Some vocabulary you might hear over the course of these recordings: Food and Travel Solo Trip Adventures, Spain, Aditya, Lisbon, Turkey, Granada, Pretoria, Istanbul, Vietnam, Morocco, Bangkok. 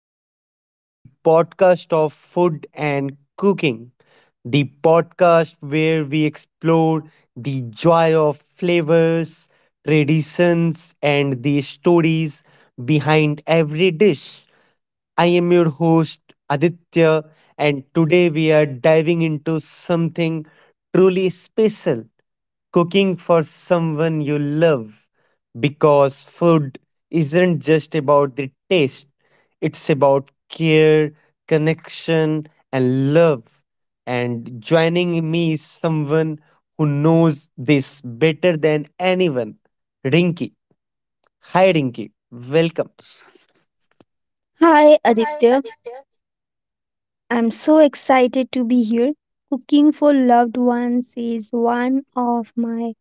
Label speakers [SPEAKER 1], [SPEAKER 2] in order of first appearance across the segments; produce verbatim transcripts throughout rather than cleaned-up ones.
[SPEAKER 1] to the podcast of food and cooking, the podcast where we explore the joy of flavors, traditions, and the stories behind every dish. I am your host, Aditya, and today we are diving into something truly special cooking for someone you love. Because food isn't just about the taste, it's about care, connection, and love. And joining me is someone who knows this better than anyone, Rinky. Hi, Rinky. Welcome.
[SPEAKER 2] Hi Aditya, I'm so excited to be here. Cooking for loved ones is one of my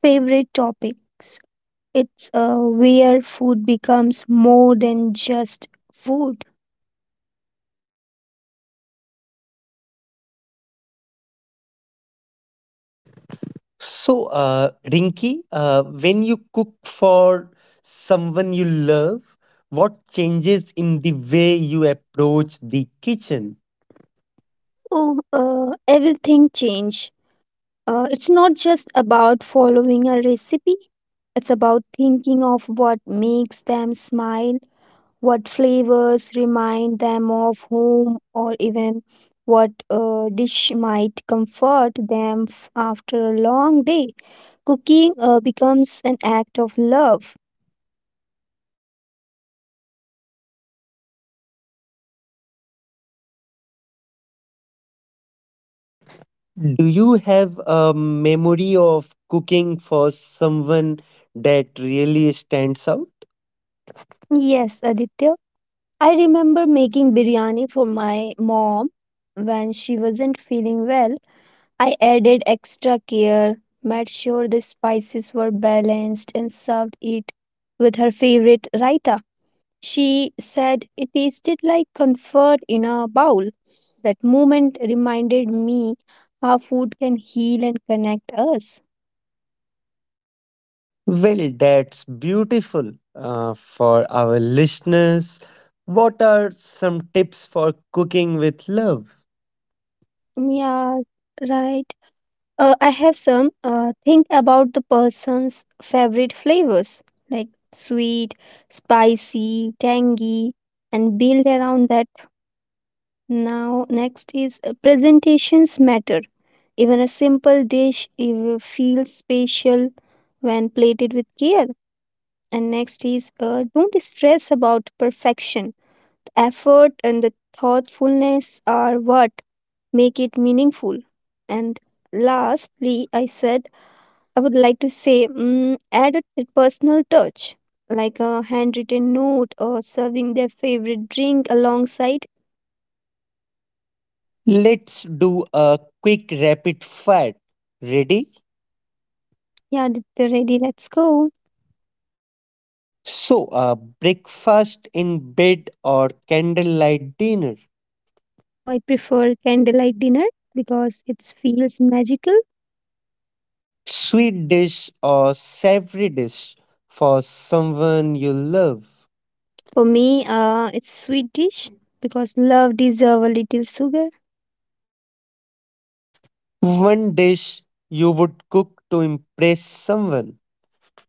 [SPEAKER 2] favorite topics. It's uh, where food becomes more than just food.
[SPEAKER 1] So, uh, Rinki, uh, when you cook for someone you love, what changes in the way you approach the kitchen?
[SPEAKER 2] Oh, uh, everything change. Uh, it's not just about following a recipe. It's about thinking of what makes them smile, what flavors remind them of home, or even what uh, dish might comfort them f- after a long day. Cooking uh, becomes an act of love.
[SPEAKER 1] Do you have a memory of cooking for someone that really stands out?
[SPEAKER 2] Yes, Aditya. I remember making biryani for my mom when she wasn't feeling well. I added extra care, made sure the spices were balanced, and served it with her favorite raita. She said it tasted like comfort in a bowl. That moment reminded me how food can heal and connect us.
[SPEAKER 1] Well, that's beautiful. Uh, for our listeners, what are some tips for cooking with love?
[SPEAKER 2] Yeah, right. Uh, I have some. Uh, think about the person's favorite flavors like sweet, spicy, tangy, and build around that. Now, next is uh, presentations matter. Even a simple dish if feels special when plated with care. And next is uh, don't stress about perfection. The effort and the thoughtfulness are what make it meaningful. And lastly, I said I would like to say mm, add a t- personal touch, like a handwritten note or serving their favorite drink alongside.
[SPEAKER 1] Let's do a quick rapid fire. Ready?
[SPEAKER 2] Yeah, th- they're ready. Let's go.
[SPEAKER 1] So, uh, breakfast in bed or candlelight dinner,
[SPEAKER 2] So I prefer candlelight dinner because it feels magical.
[SPEAKER 1] sweet dish or savory dish for someone you love,
[SPEAKER 2] For me, uh, it's sweet dish because love deserve a little sugar.
[SPEAKER 1] one dish you would cook to impress someone.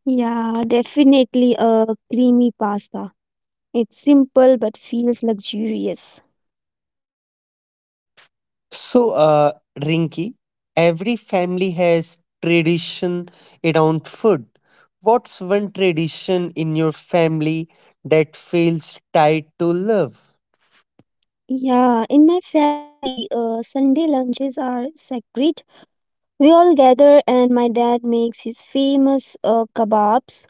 [SPEAKER 2] Yeah, definitely a creamy pasta. It's simple but feels luxurious.
[SPEAKER 1] So, uh, Rinki, every family has tradition around food. What's one tradition in your family that feels tied to love?
[SPEAKER 2] Yeah, in my family, uh, Sunday lunches are sacred. We all gather, and my dad makes his famous uh, kebabs.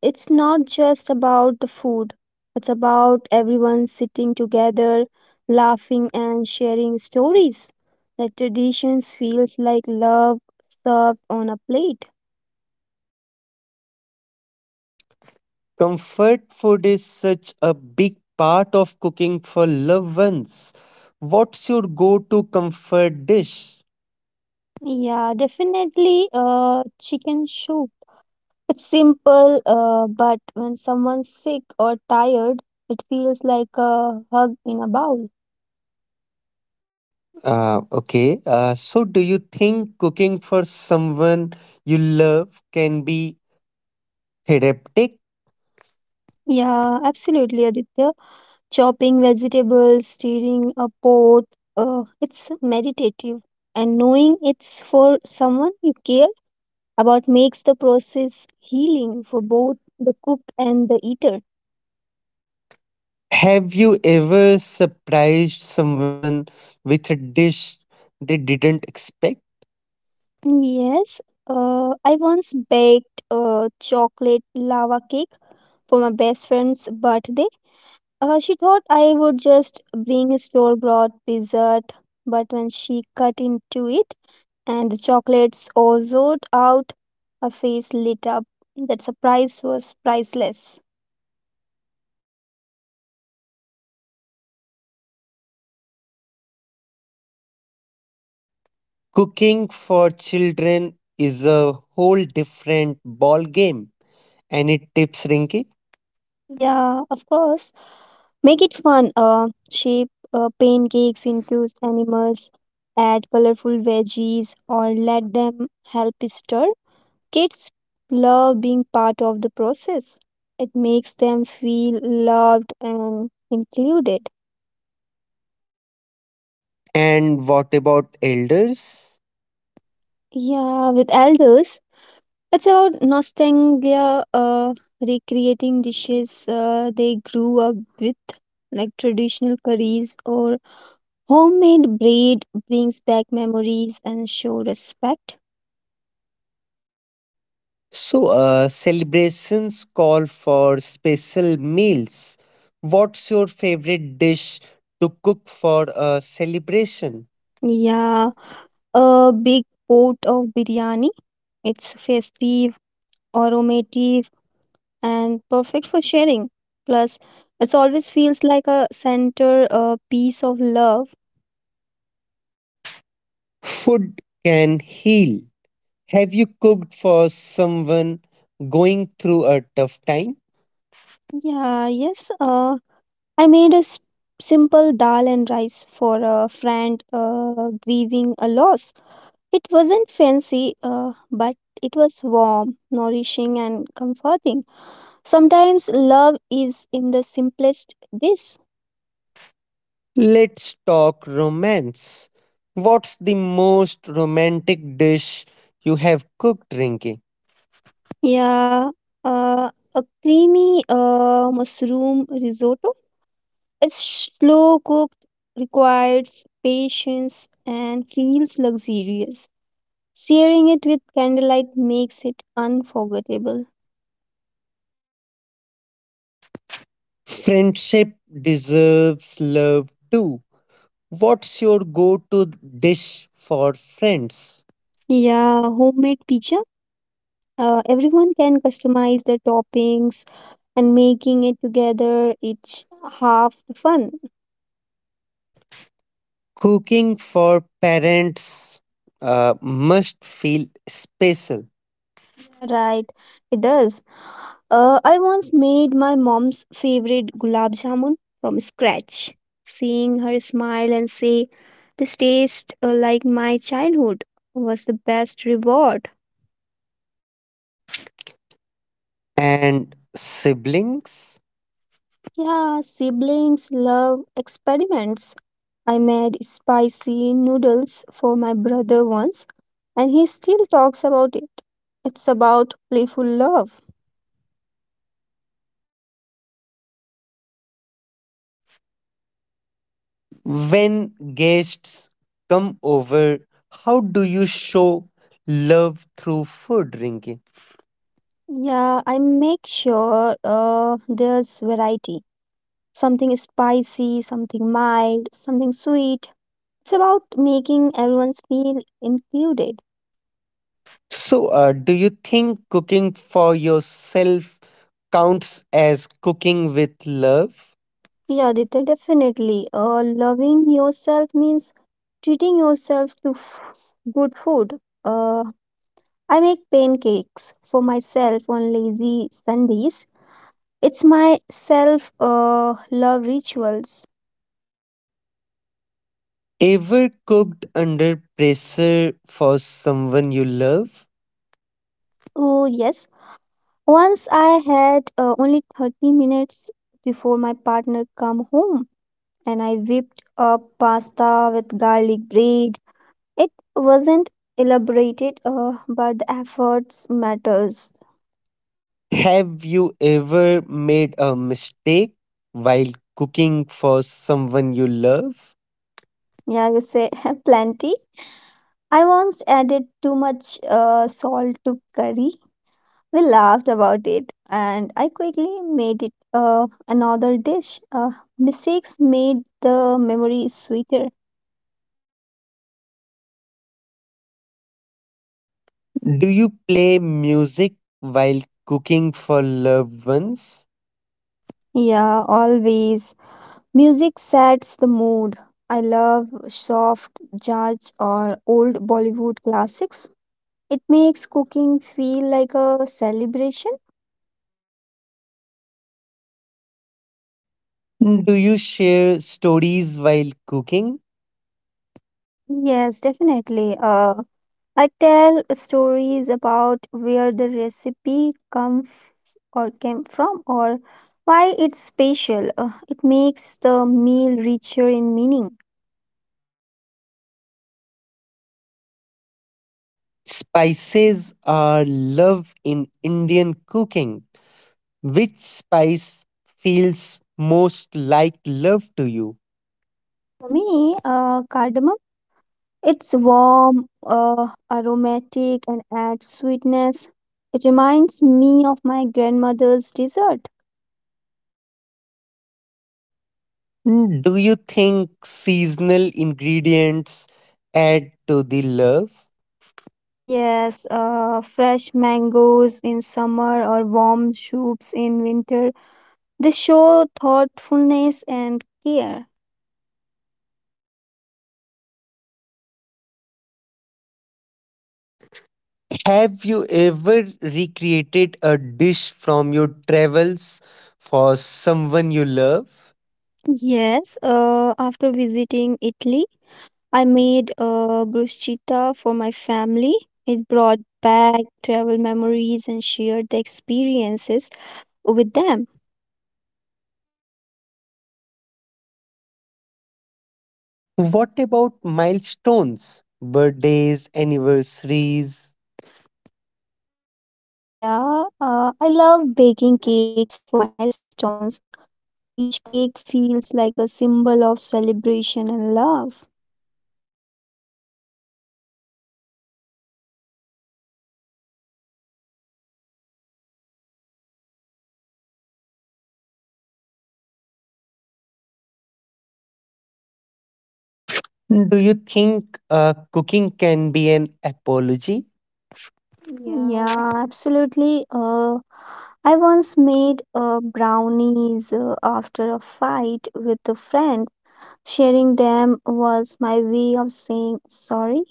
[SPEAKER 2] It's not just about the food, it's about everyone sitting together, laughing, and sharing stories. The traditions feels like love served on a plate.
[SPEAKER 1] Comfort food is such a big part of cooking for loved ones. What's your go to comfort dish?
[SPEAKER 2] Yeah, definitely uh, chicken soup. It's simple, uh, but when someone's sick or tired, it feels like a hug in a bowl.
[SPEAKER 1] Uh, okay, uh, so do you think cooking for someone you love can be therapeutic?
[SPEAKER 2] Yeah, absolutely, Aditya. Chopping vegetables, stirring a pot, uh, it's meditative. And knowing it's for someone you care about makes the process healing for both the cook and the eater.
[SPEAKER 1] Have you ever surprised someone with a dish they didn't expect?
[SPEAKER 2] Yes, uh, I once baked a chocolate lava cake for my best friend's birthday. Uh, she thought I would just bring a store bought dessert, but when she cut into it and the chocolates all zored out, her face lit up. That surprise was priceless.
[SPEAKER 1] Cooking for children is a whole different ball game. Any tips, Rinky?
[SPEAKER 2] Yeah, of course. Make it fun. Uh, shape uh, pancakes into animals, add colorful veggies, or let them help stir. Kids love being part of the process. It makes them feel loved and included.
[SPEAKER 1] And what about elders?
[SPEAKER 2] Yeah, with elders, it's about nostalgia, uh, recreating dishes uh, they grew up with, like traditional curries or homemade bread brings back memories and show respect.
[SPEAKER 1] So, uh, celebrations call for special meals. What's your favorite dish to cook for a celebration?
[SPEAKER 2] Yeah, a big pot of biryani. It's festive, aromatic, and perfect for sharing. Plus, it always feels like a center a piece of love.
[SPEAKER 1] Food can heal. Have you cooked for someone going through a tough time?
[SPEAKER 2] Yeah, yes. Uh, I made a s- simple dal and rice for a friend uh, grieving a loss. It wasn't fancy, uh, but it was warm, nourishing, and comforting. Sometimes love is in the simplest dish.
[SPEAKER 1] Let's talk romance. What's the most romantic dish you have cooked, Rinki?
[SPEAKER 2] Yeah, uh, a creamy uh, mushroom risotto. It's slow cooked, requires patience, and feels luxurious. Sharing it with candlelight makes it unforgettable.
[SPEAKER 1] Friendship deserves love too. What's your go to dish for friends?
[SPEAKER 2] Yeah, homemade pizza. Uh, everyone can customize the toppings and making it together. It's half the fun.
[SPEAKER 1] Cooking for parents uh, must feel special.
[SPEAKER 2] Yeah, right. It does. Uh, I once made my mom's favorite gulab jamun from scratch. Seeing her smile and say, "This tastes uh, like my childhood," was the best reward.
[SPEAKER 1] And siblings?
[SPEAKER 2] Yeah, siblings love experiments. I made spicy noodles for my brother once, and he still talks about it. It's about playful love.
[SPEAKER 1] When guests come over, how do you show love through food, Rinki?
[SPEAKER 2] Yeah, I make sure uh, there's variety, something spicy, something mild, something sweet. It's about making everyone feel included.
[SPEAKER 1] So, uh, do you think cooking for yourself counts as cooking with love?
[SPEAKER 2] Yeah, Aditya, definitely. Uh, loving yourself means treating yourself to f- good food. Uh, I make pancakes for myself on lazy Sundays. It's my self uh, love rituals.
[SPEAKER 1] Ever cooked under pressure for someone you love?
[SPEAKER 2] Oh, yes. Once I had uh, only thirty minutes before my partner come home and I whipped up pasta with garlic bread. It wasn't elaborated, uh, but the efforts matters.
[SPEAKER 1] Have you ever made a mistake while cooking for someone you love?
[SPEAKER 2] Yeah, you say plenty. I once added too much uh, salt to curry. We laughed about it, and I quickly made it uh, another dish. Uh, mistakes made the memory sweeter.
[SPEAKER 1] Do you play music while cooking for loved ones?
[SPEAKER 2] Yeah, always. Music sets the mood. I love soft jazz or old Bollywood classics. It makes cooking feel like a celebration.
[SPEAKER 1] Do you share stories while cooking?
[SPEAKER 2] Yes, definitely. Uh, I tell stories about where the recipe come f- or came from, or why it's special. Uh, it makes the meal richer in meaning.
[SPEAKER 1] Spices are love in Indian cooking. Which spice feels most like love to you?
[SPEAKER 2] For me, uh, cardamom. It's warm, uh, aromatic, and adds sweetness. It reminds me of my grandmother's dessert.
[SPEAKER 1] Do you think seasonal ingredients add to the love?
[SPEAKER 2] Yes, uh, fresh mangoes in summer or warm soups in winter. They show thoughtfulness and care.
[SPEAKER 1] Have you ever recreated a dish from your travels for someone you love?
[SPEAKER 2] Yes, uh, after visiting Italy, I made a bruschetta for my family. It brought back travel memories and shared the experiences with them.
[SPEAKER 1] What about milestones, birthdays, anniversaries?
[SPEAKER 2] Yeah, uh, I love baking cakes for milestones. Each cake feels like a symbol of celebration and love.
[SPEAKER 1] Do you think uh, cooking can be an apology? Yeah.
[SPEAKER 2] Yeah, absolutely. Uh, I once made uh, brownies uh, after a fight with a friend. Sharing them was my way of saying sorry.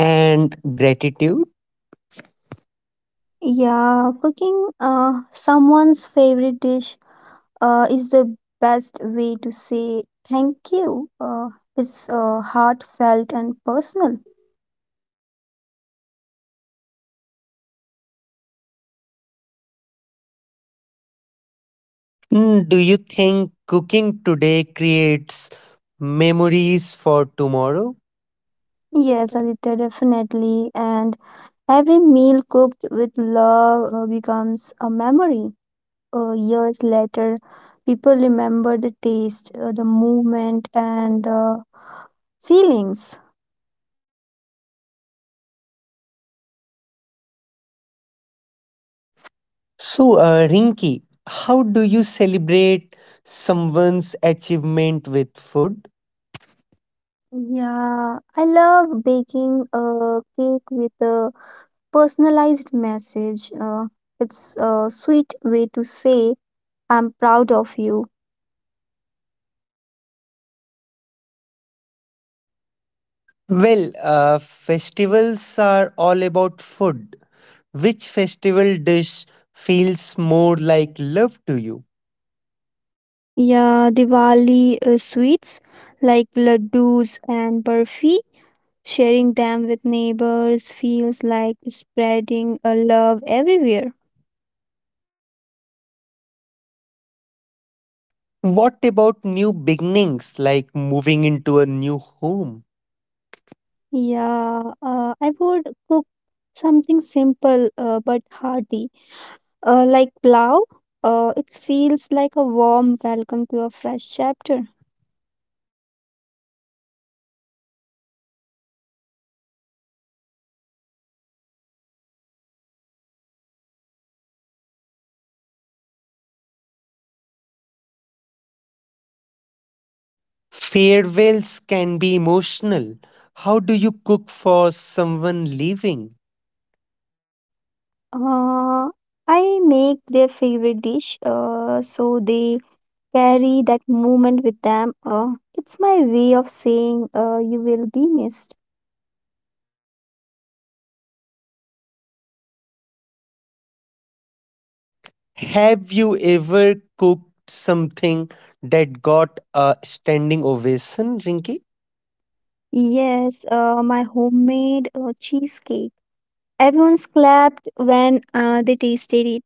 [SPEAKER 1] And gratitude?
[SPEAKER 2] Yeah, cooking uh, someone's favorite dish uh, is the best way to say thank you. Uh, it's uh, heartfelt and personal.
[SPEAKER 1] Mm, Do you think cooking today creates memories for tomorrow? Yes.
[SPEAKER 2] Yes,
[SPEAKER 1] ab-
[SPEAKER 2] Aditya, definitely. And every meal cooked with love uh, becomes a memory. Uh, years later, people remember the taste, uh, the movement, and the feelings.
[SPEAKER 1] So, uh, Rinki, how do you celebrate someone's achievement with food?
[SPEAKER 2] Yeah, I love baking a cake with a personalized message. Uh, it's a sweet way to say, "I'm proud of you."
[SPEAKER 1] Well, uh, festivals are all about food. Which festival dish feels more like love to you?
[SPEAKER 2] Yeah, Diwali uh, sweets like laddus and barfi, sharing them with neighbors feels like spreading a love everywhere.
[SPEAKER 1] What about new beginnings like moving into a new home?
[SPEAKER 2] Yeah, uh, I would cook something simple uh, but hearty, uh, like plow. Uh, it feels like a warm welcome to a fresh chapter.
[SPEAKER 1] Farewells can be emotional. How do you cook for someone leaving?
[SPEAKER 2] Uh, I make their favorite dish, uh, so they carry that moment with them. Uh, it's my way of saying uh, you will be missed.
[SPEAKER 1] Have you ever cooked something that got a standing ovation, Rinki?
[SPEAKER 2] Yes, uh, my homemade uh, cheesecake. Everyone clapped when uh, they tasted it.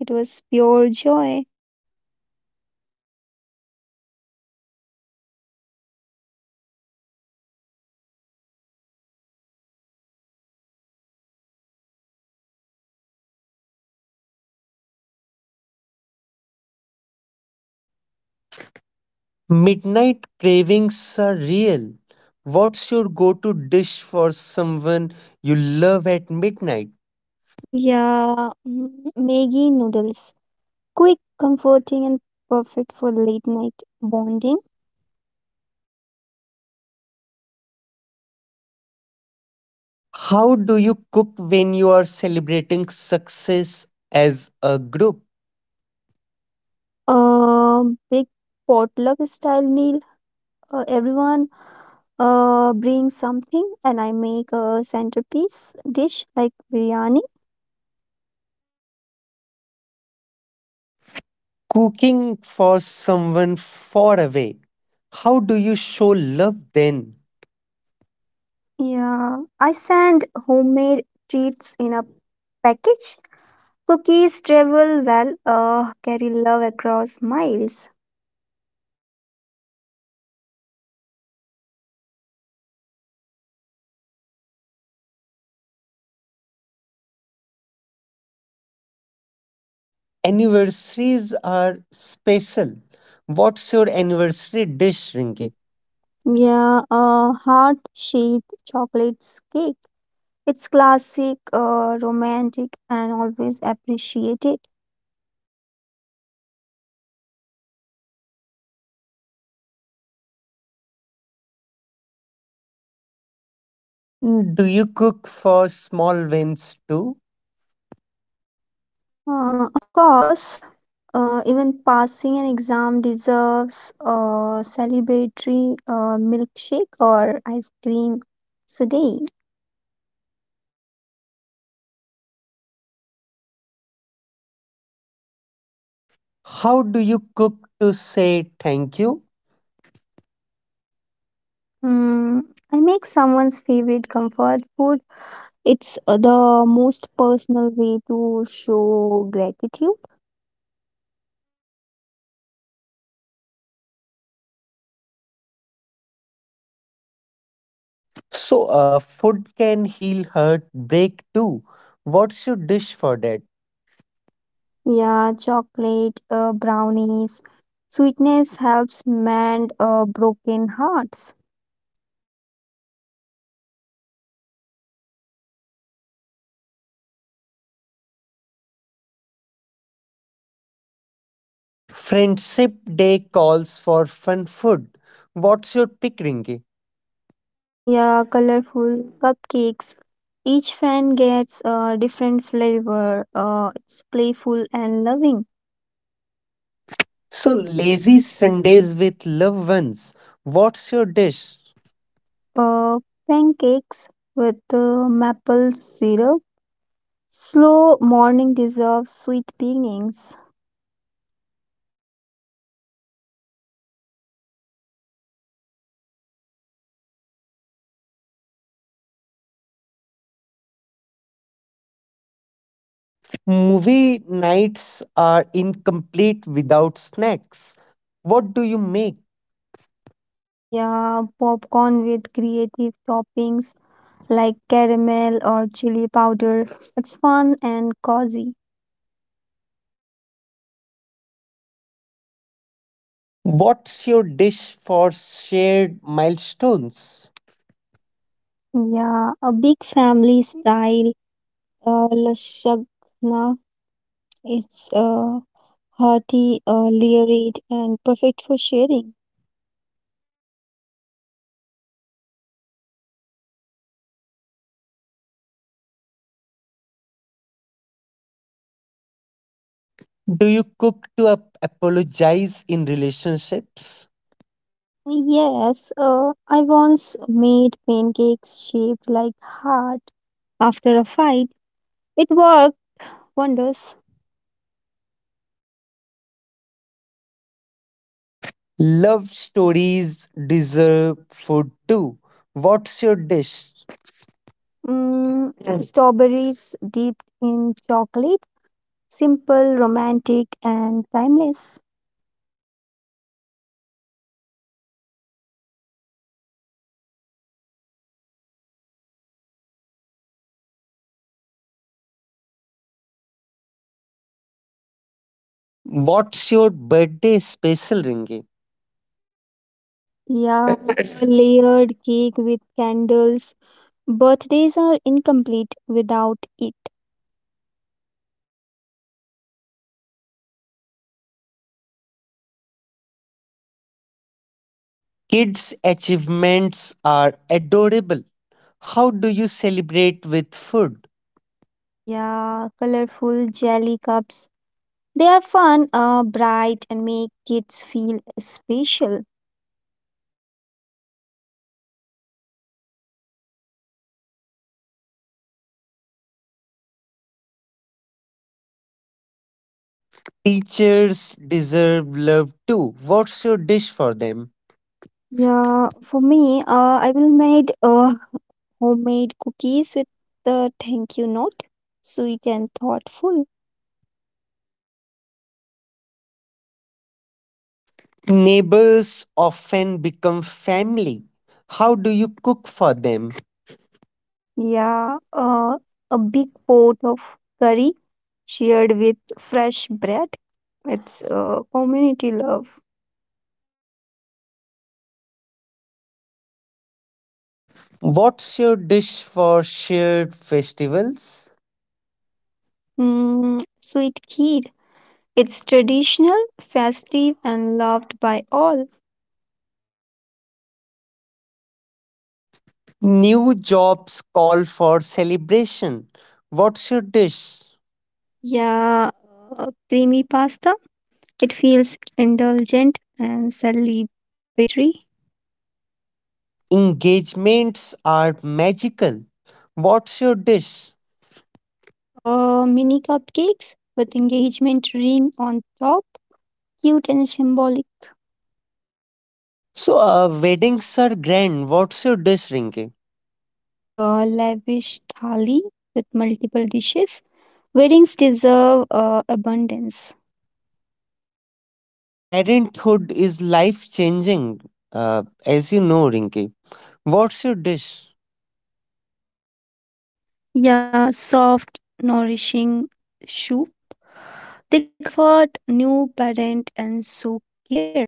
[SPEAKER 2] It was pure joy.
[SPEAKER 1] Midnight cravings are real. What's your go to dish for someone you love at midnight?
[SPEAKER 2] Yeah, mm, Maggie noodles. Quick, comforting, and perfect for late night bonding.
[SPEAKER 1] How do you cook when you are celebrating success as a group?
[SPEAKER 2] Um, big potluck style meal. Uh, everyone uh, bring something and I make a centerpiece dish like biryani.
[SPEAKER 1] Cooking for someone far away. How do you show love then?
[SPEAKER 2] Yeah, I send homemade treats in a package. Cookies travel well, uh, carry love across miles.
[SPEAKER 1] Anniversaries are special. What's your anniversary dish,
[SPEAKER 2] Drinking.
[SPEAKER 1] Rinki?
[SPEAKER 2] Yeah, a heart shaped chocolate cake. It's classic, uh, romantic, and always appreciated.
[SPEAKER 1] Mm, Do you cook for small wins too?
[SPEAKER 2] Uh, of course, uh, even passing an exam deserves a celebratory uh, milkshake or ice cream. So today,
[SPEAKER 1] How do you cook to say thank you?
[SPEAKER 2] mm, I make someone's favorite comfort food. It's uh, the most personal way to show gratitude.
[SPEAKER 1] So, uh, food can heal hurt, break too. What's your dish for that?
[SPEAKER 2] Yeah, chocolate, uh, brownies. Sweetness helps mend uh, broken hearts.
[SPEAKER 1] Friendship Day calls for fun food. What's your pick, Rinki?
[SPEAKER 2] Yeah, colorful cupcakes. Each friend gets a different flavor. Uh, it's playful and loving. So
[SPEAKER 1] So, lazy
[SPEAKER 2] lazy Sunday.
[SPEAKER 1] Sundays with loved ones. What's your dish?
[SPEAKER 2] Uh, Pancakes with uh, maple syrup. Slow morning deserves sweet beginnings.
[SPEAKER 1] Movie nights are incomplete without snacks. What do you make?
[SPEAKER 2] Yeah, popcorn with creative toppings like caramel or chili powder. It's fun and cozy.
[SPEAKER 1] What's your dish for shared milestones?
[SPEAKER 2] Yeah, a big family style. Uh, lashagna. It's uh, hearty, uh, layered, and perfect for sharing.
[SPEAKER 1] Do you cook to ap- apologize in relationships?
[SPEAKER 2] Yes, uh, I once made pancakes shaped like heart after a fight. It worked wonders.
[SPEAKER 1] Love stories deserve food too. What's your dish?
[SPEAKER 2] Mm, Mm. Strawberries dipped in chocolate, simple, romantic, and timeless.
[SPEAKER 1] What's your birthday special, Ringy?
[SPEAKER 2] Yeah, a layered cake with candles. Birthdays are incomplete without it.
[SPEAKER 1] Kids' achievements are adorable. How do you celebrate with food?
[SPEAKER 2] Yeah, colorful jelly cups. They are fun, uh, bright, and make kids feel special.
[SPEAKER 1] Teachers deserve love too. What's your dish for them?
[SPEAKER 2] Yeah, for me, uh, I will made uh, homemade cookies with the thank you note, sweet and thoughtful.
[SPEAKER 1] Neighbors often become family. How do you cook for them?
[SPEAKER 2] Yeah, uh, a big pot of curry shared with fresh bread. It's uh, community love.
[SPEAKER 1] What's your dish for shared festivals?
[SPEAKER 2] Mm, sweet kheer. It's traditional, festive, and loved by all.
[SPEAKER 1] New jobs call for celebration. What's your dish?
[SPEAKER 2] Yeah, uh, creamy pasta. It feels indulgent and celebratory.
[SPEAKER 1] Engagements are magical. What's your dish?
[SPEAKER 2] Uh, mini cupcakes with engagement ring on top. Cute and symbolic.
[SPEAKER 1] So, uh, weddings are grand. What's your dish, Rinki?
[SPEAKER 2] Uh, lavish thali with multiple dishes. Weddings deserve uh, abundance.
[SPEAKER 1] Parenthood is life changing, uh, as you know, Rinki. What's your dish?
[SPEAKER 2] Yeah, soft, nourishing soup. They comfort new parent and so care.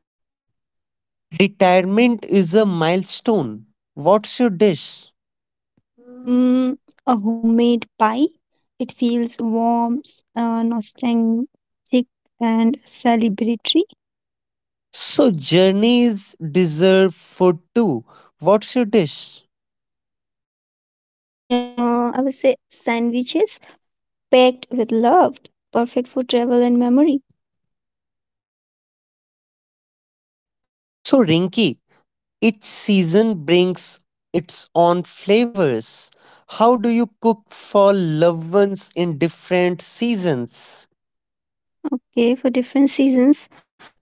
[SPEAKER 1] Retirement is a milestone. What's your dish?
[SPEAKER 2] Mm, a homemade pie. It feels warm, uh, nostalgic, and celebratory.
[SPEAKER 1] So, journeys deserve food too. What's your dish?
[SPEAKER 2] Yeah, for journey, uh, I would say sandwiches packed with love, perfect for travel and memory.
[SPEAKER 1] So, Rinki, each season brings its own flavors. How do you cook for loved ones in different seasons?
[SPEAKER 2] Okay, for different seasons.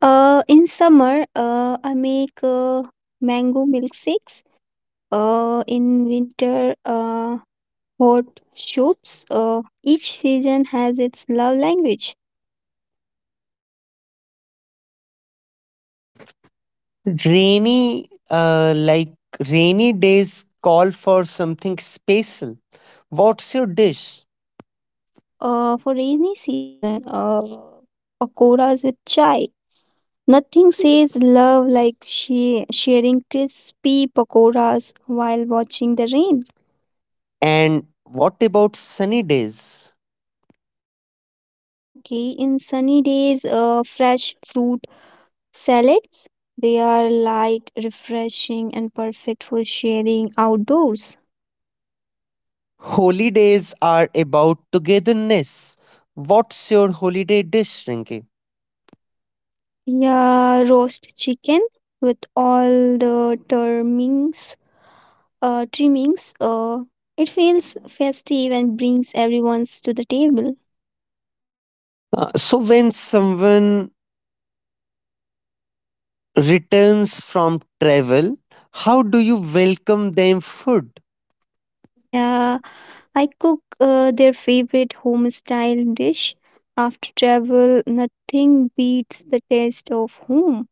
[SPEAKER 2] Uh, in summer, uh, I make uh, mango milkshakes. Uh, in winter, uh, hot soups. Uh, each season has its love language.
[SPEAKER 1] Rainy, uh, like Rainy days, call for something special. What's your dish?
[SPEAKER 2] Uh, for rainy season, uh, pakoras with chai. Nothing says love like she sharing crispy pakoras while watching the rain.
[SPEAKER 1] And what about sunny days?
[SPEAKER 2] Okay, in sunny days, uh, fresh fruit salads. They are light, refreshing, and perfect for sharing outdoors.
[SPEAKER 1] Holy days are about togetherness. What's your holiday dish, Rinki?
[SPEAKER 2] Yeah, roast chicken with all the trimmings uh, trimmings. Uh, it feels festive and brings everyone's to the table.
[SPEAKER 1] Uh, so when someone returns from travel, how do you welcome them food?
[SPEAKER 2] Yeah, I cook uh, their favorite home style dish. After travel, nothing beats the taste of home.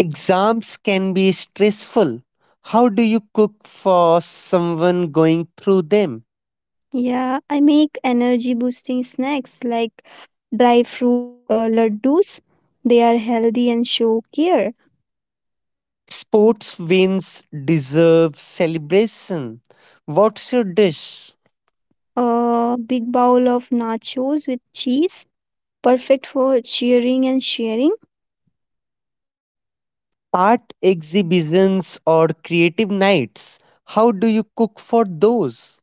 [SPEAKER 1] Exams can be stressful. How do you cook for someone going through them?
[SPEAKER 2] Yeah, I make energy boosting snacks like dry fruit uh, laddus. They are healthy and show care.
[SPEAKER 1] Sports wins deserve celebration. What's your dish?
[SPEAKER 2] A big bowl of nachos with cheese, perfect for cheering and sharing.
[SPEAKER 1] Art exhibitions or creative nights. How do you cook for those?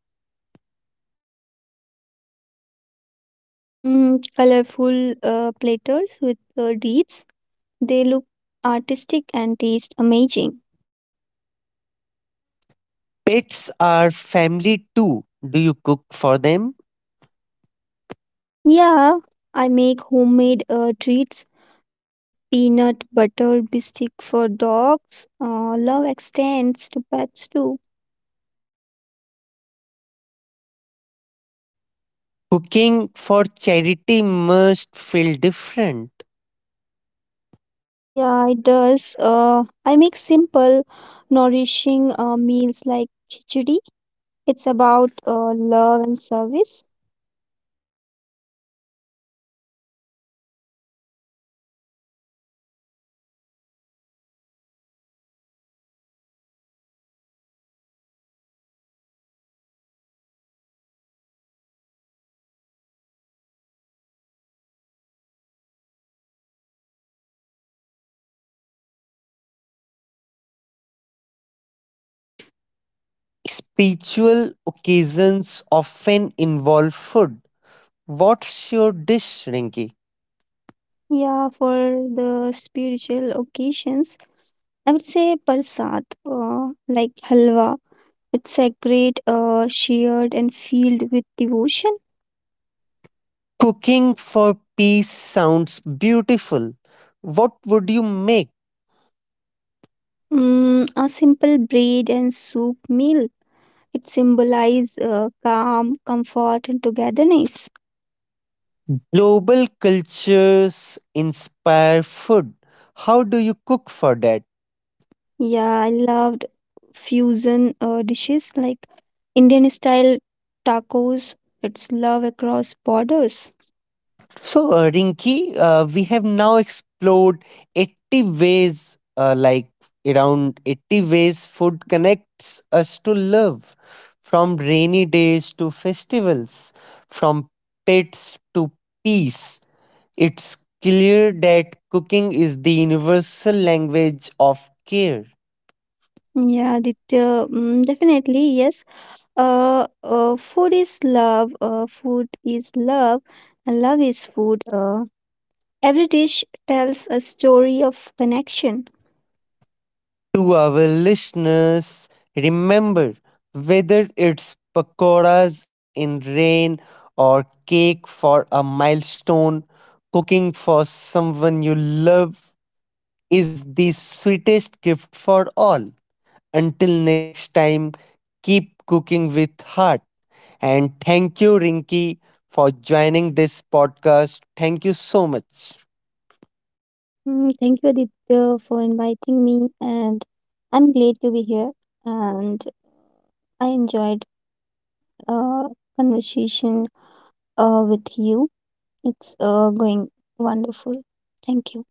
[SPEAKER 2] Mm, colorful uh, platters with uh, dips. They look artistic and taste amazing.
[SPEAKER 1] Pets are family too. Do you cook for them?
[SPEAKER 2] Yeah, I make homemade uh, treats like peanut butter biscuit for dogs. Uh, love extends to pets too.
[SPEAKER 1] Cooking for charity must feel different.
[SPEAKER 2] Yeah, it does. Uh, I make simple, nourishing uh, meals like khichdi. It's about uh, love and service.
[SPEAKER 1] Spiritual occasions often involve food. What's your dish, Rinki?
[SPEAKER 2] Yeah, for the spiritual occasions, I would say Parsat, uh, like halwa. It's a great uh, shared and filled with devotion.
[SPEAKER 1] Cooking for peace sounds beautiful. What would you make?
[SPEAKER 2] Mm, a simple bread and soup meal. It symbolizes uh, calm, comfort, and togetherness.
[SPEAKER 1] Global cultures inspire food. How do you cook for that?
[SPEAKER 2] Yeah, I loved fusion uh, dishes like Indian style tacos. It's love across borders.
[SPEAKER 1] So, uh, Rinki, uh, we have now explored eighty ways, uh, like around eighty ways food connects us to love, from rainy days to festivals, from pets to peace. It's clear that cooking is the universal language of care.
[SPEAKER 2] Yeah, det- uh, mm, definitely, yes. Uh, uh, food is love, uh, food is love, and love is food. Uh, every dish tells a story of connection.
[SPEAKER 1] To our listeners, remember whether it's pakoras in rain or cake for a milestone, cooking for someone you love is the sweetest gift for all. Until next time, keep cooking with heart. And thank you, Rinky, for joining this podcast. Thank you so much.
[SPEAKER 2] Mm, thank you, Aditya, for inviting me, and I'm glad to be here. And I enjoyed uh, conversation uh, with you. It's uh, going wonderful. Thank you.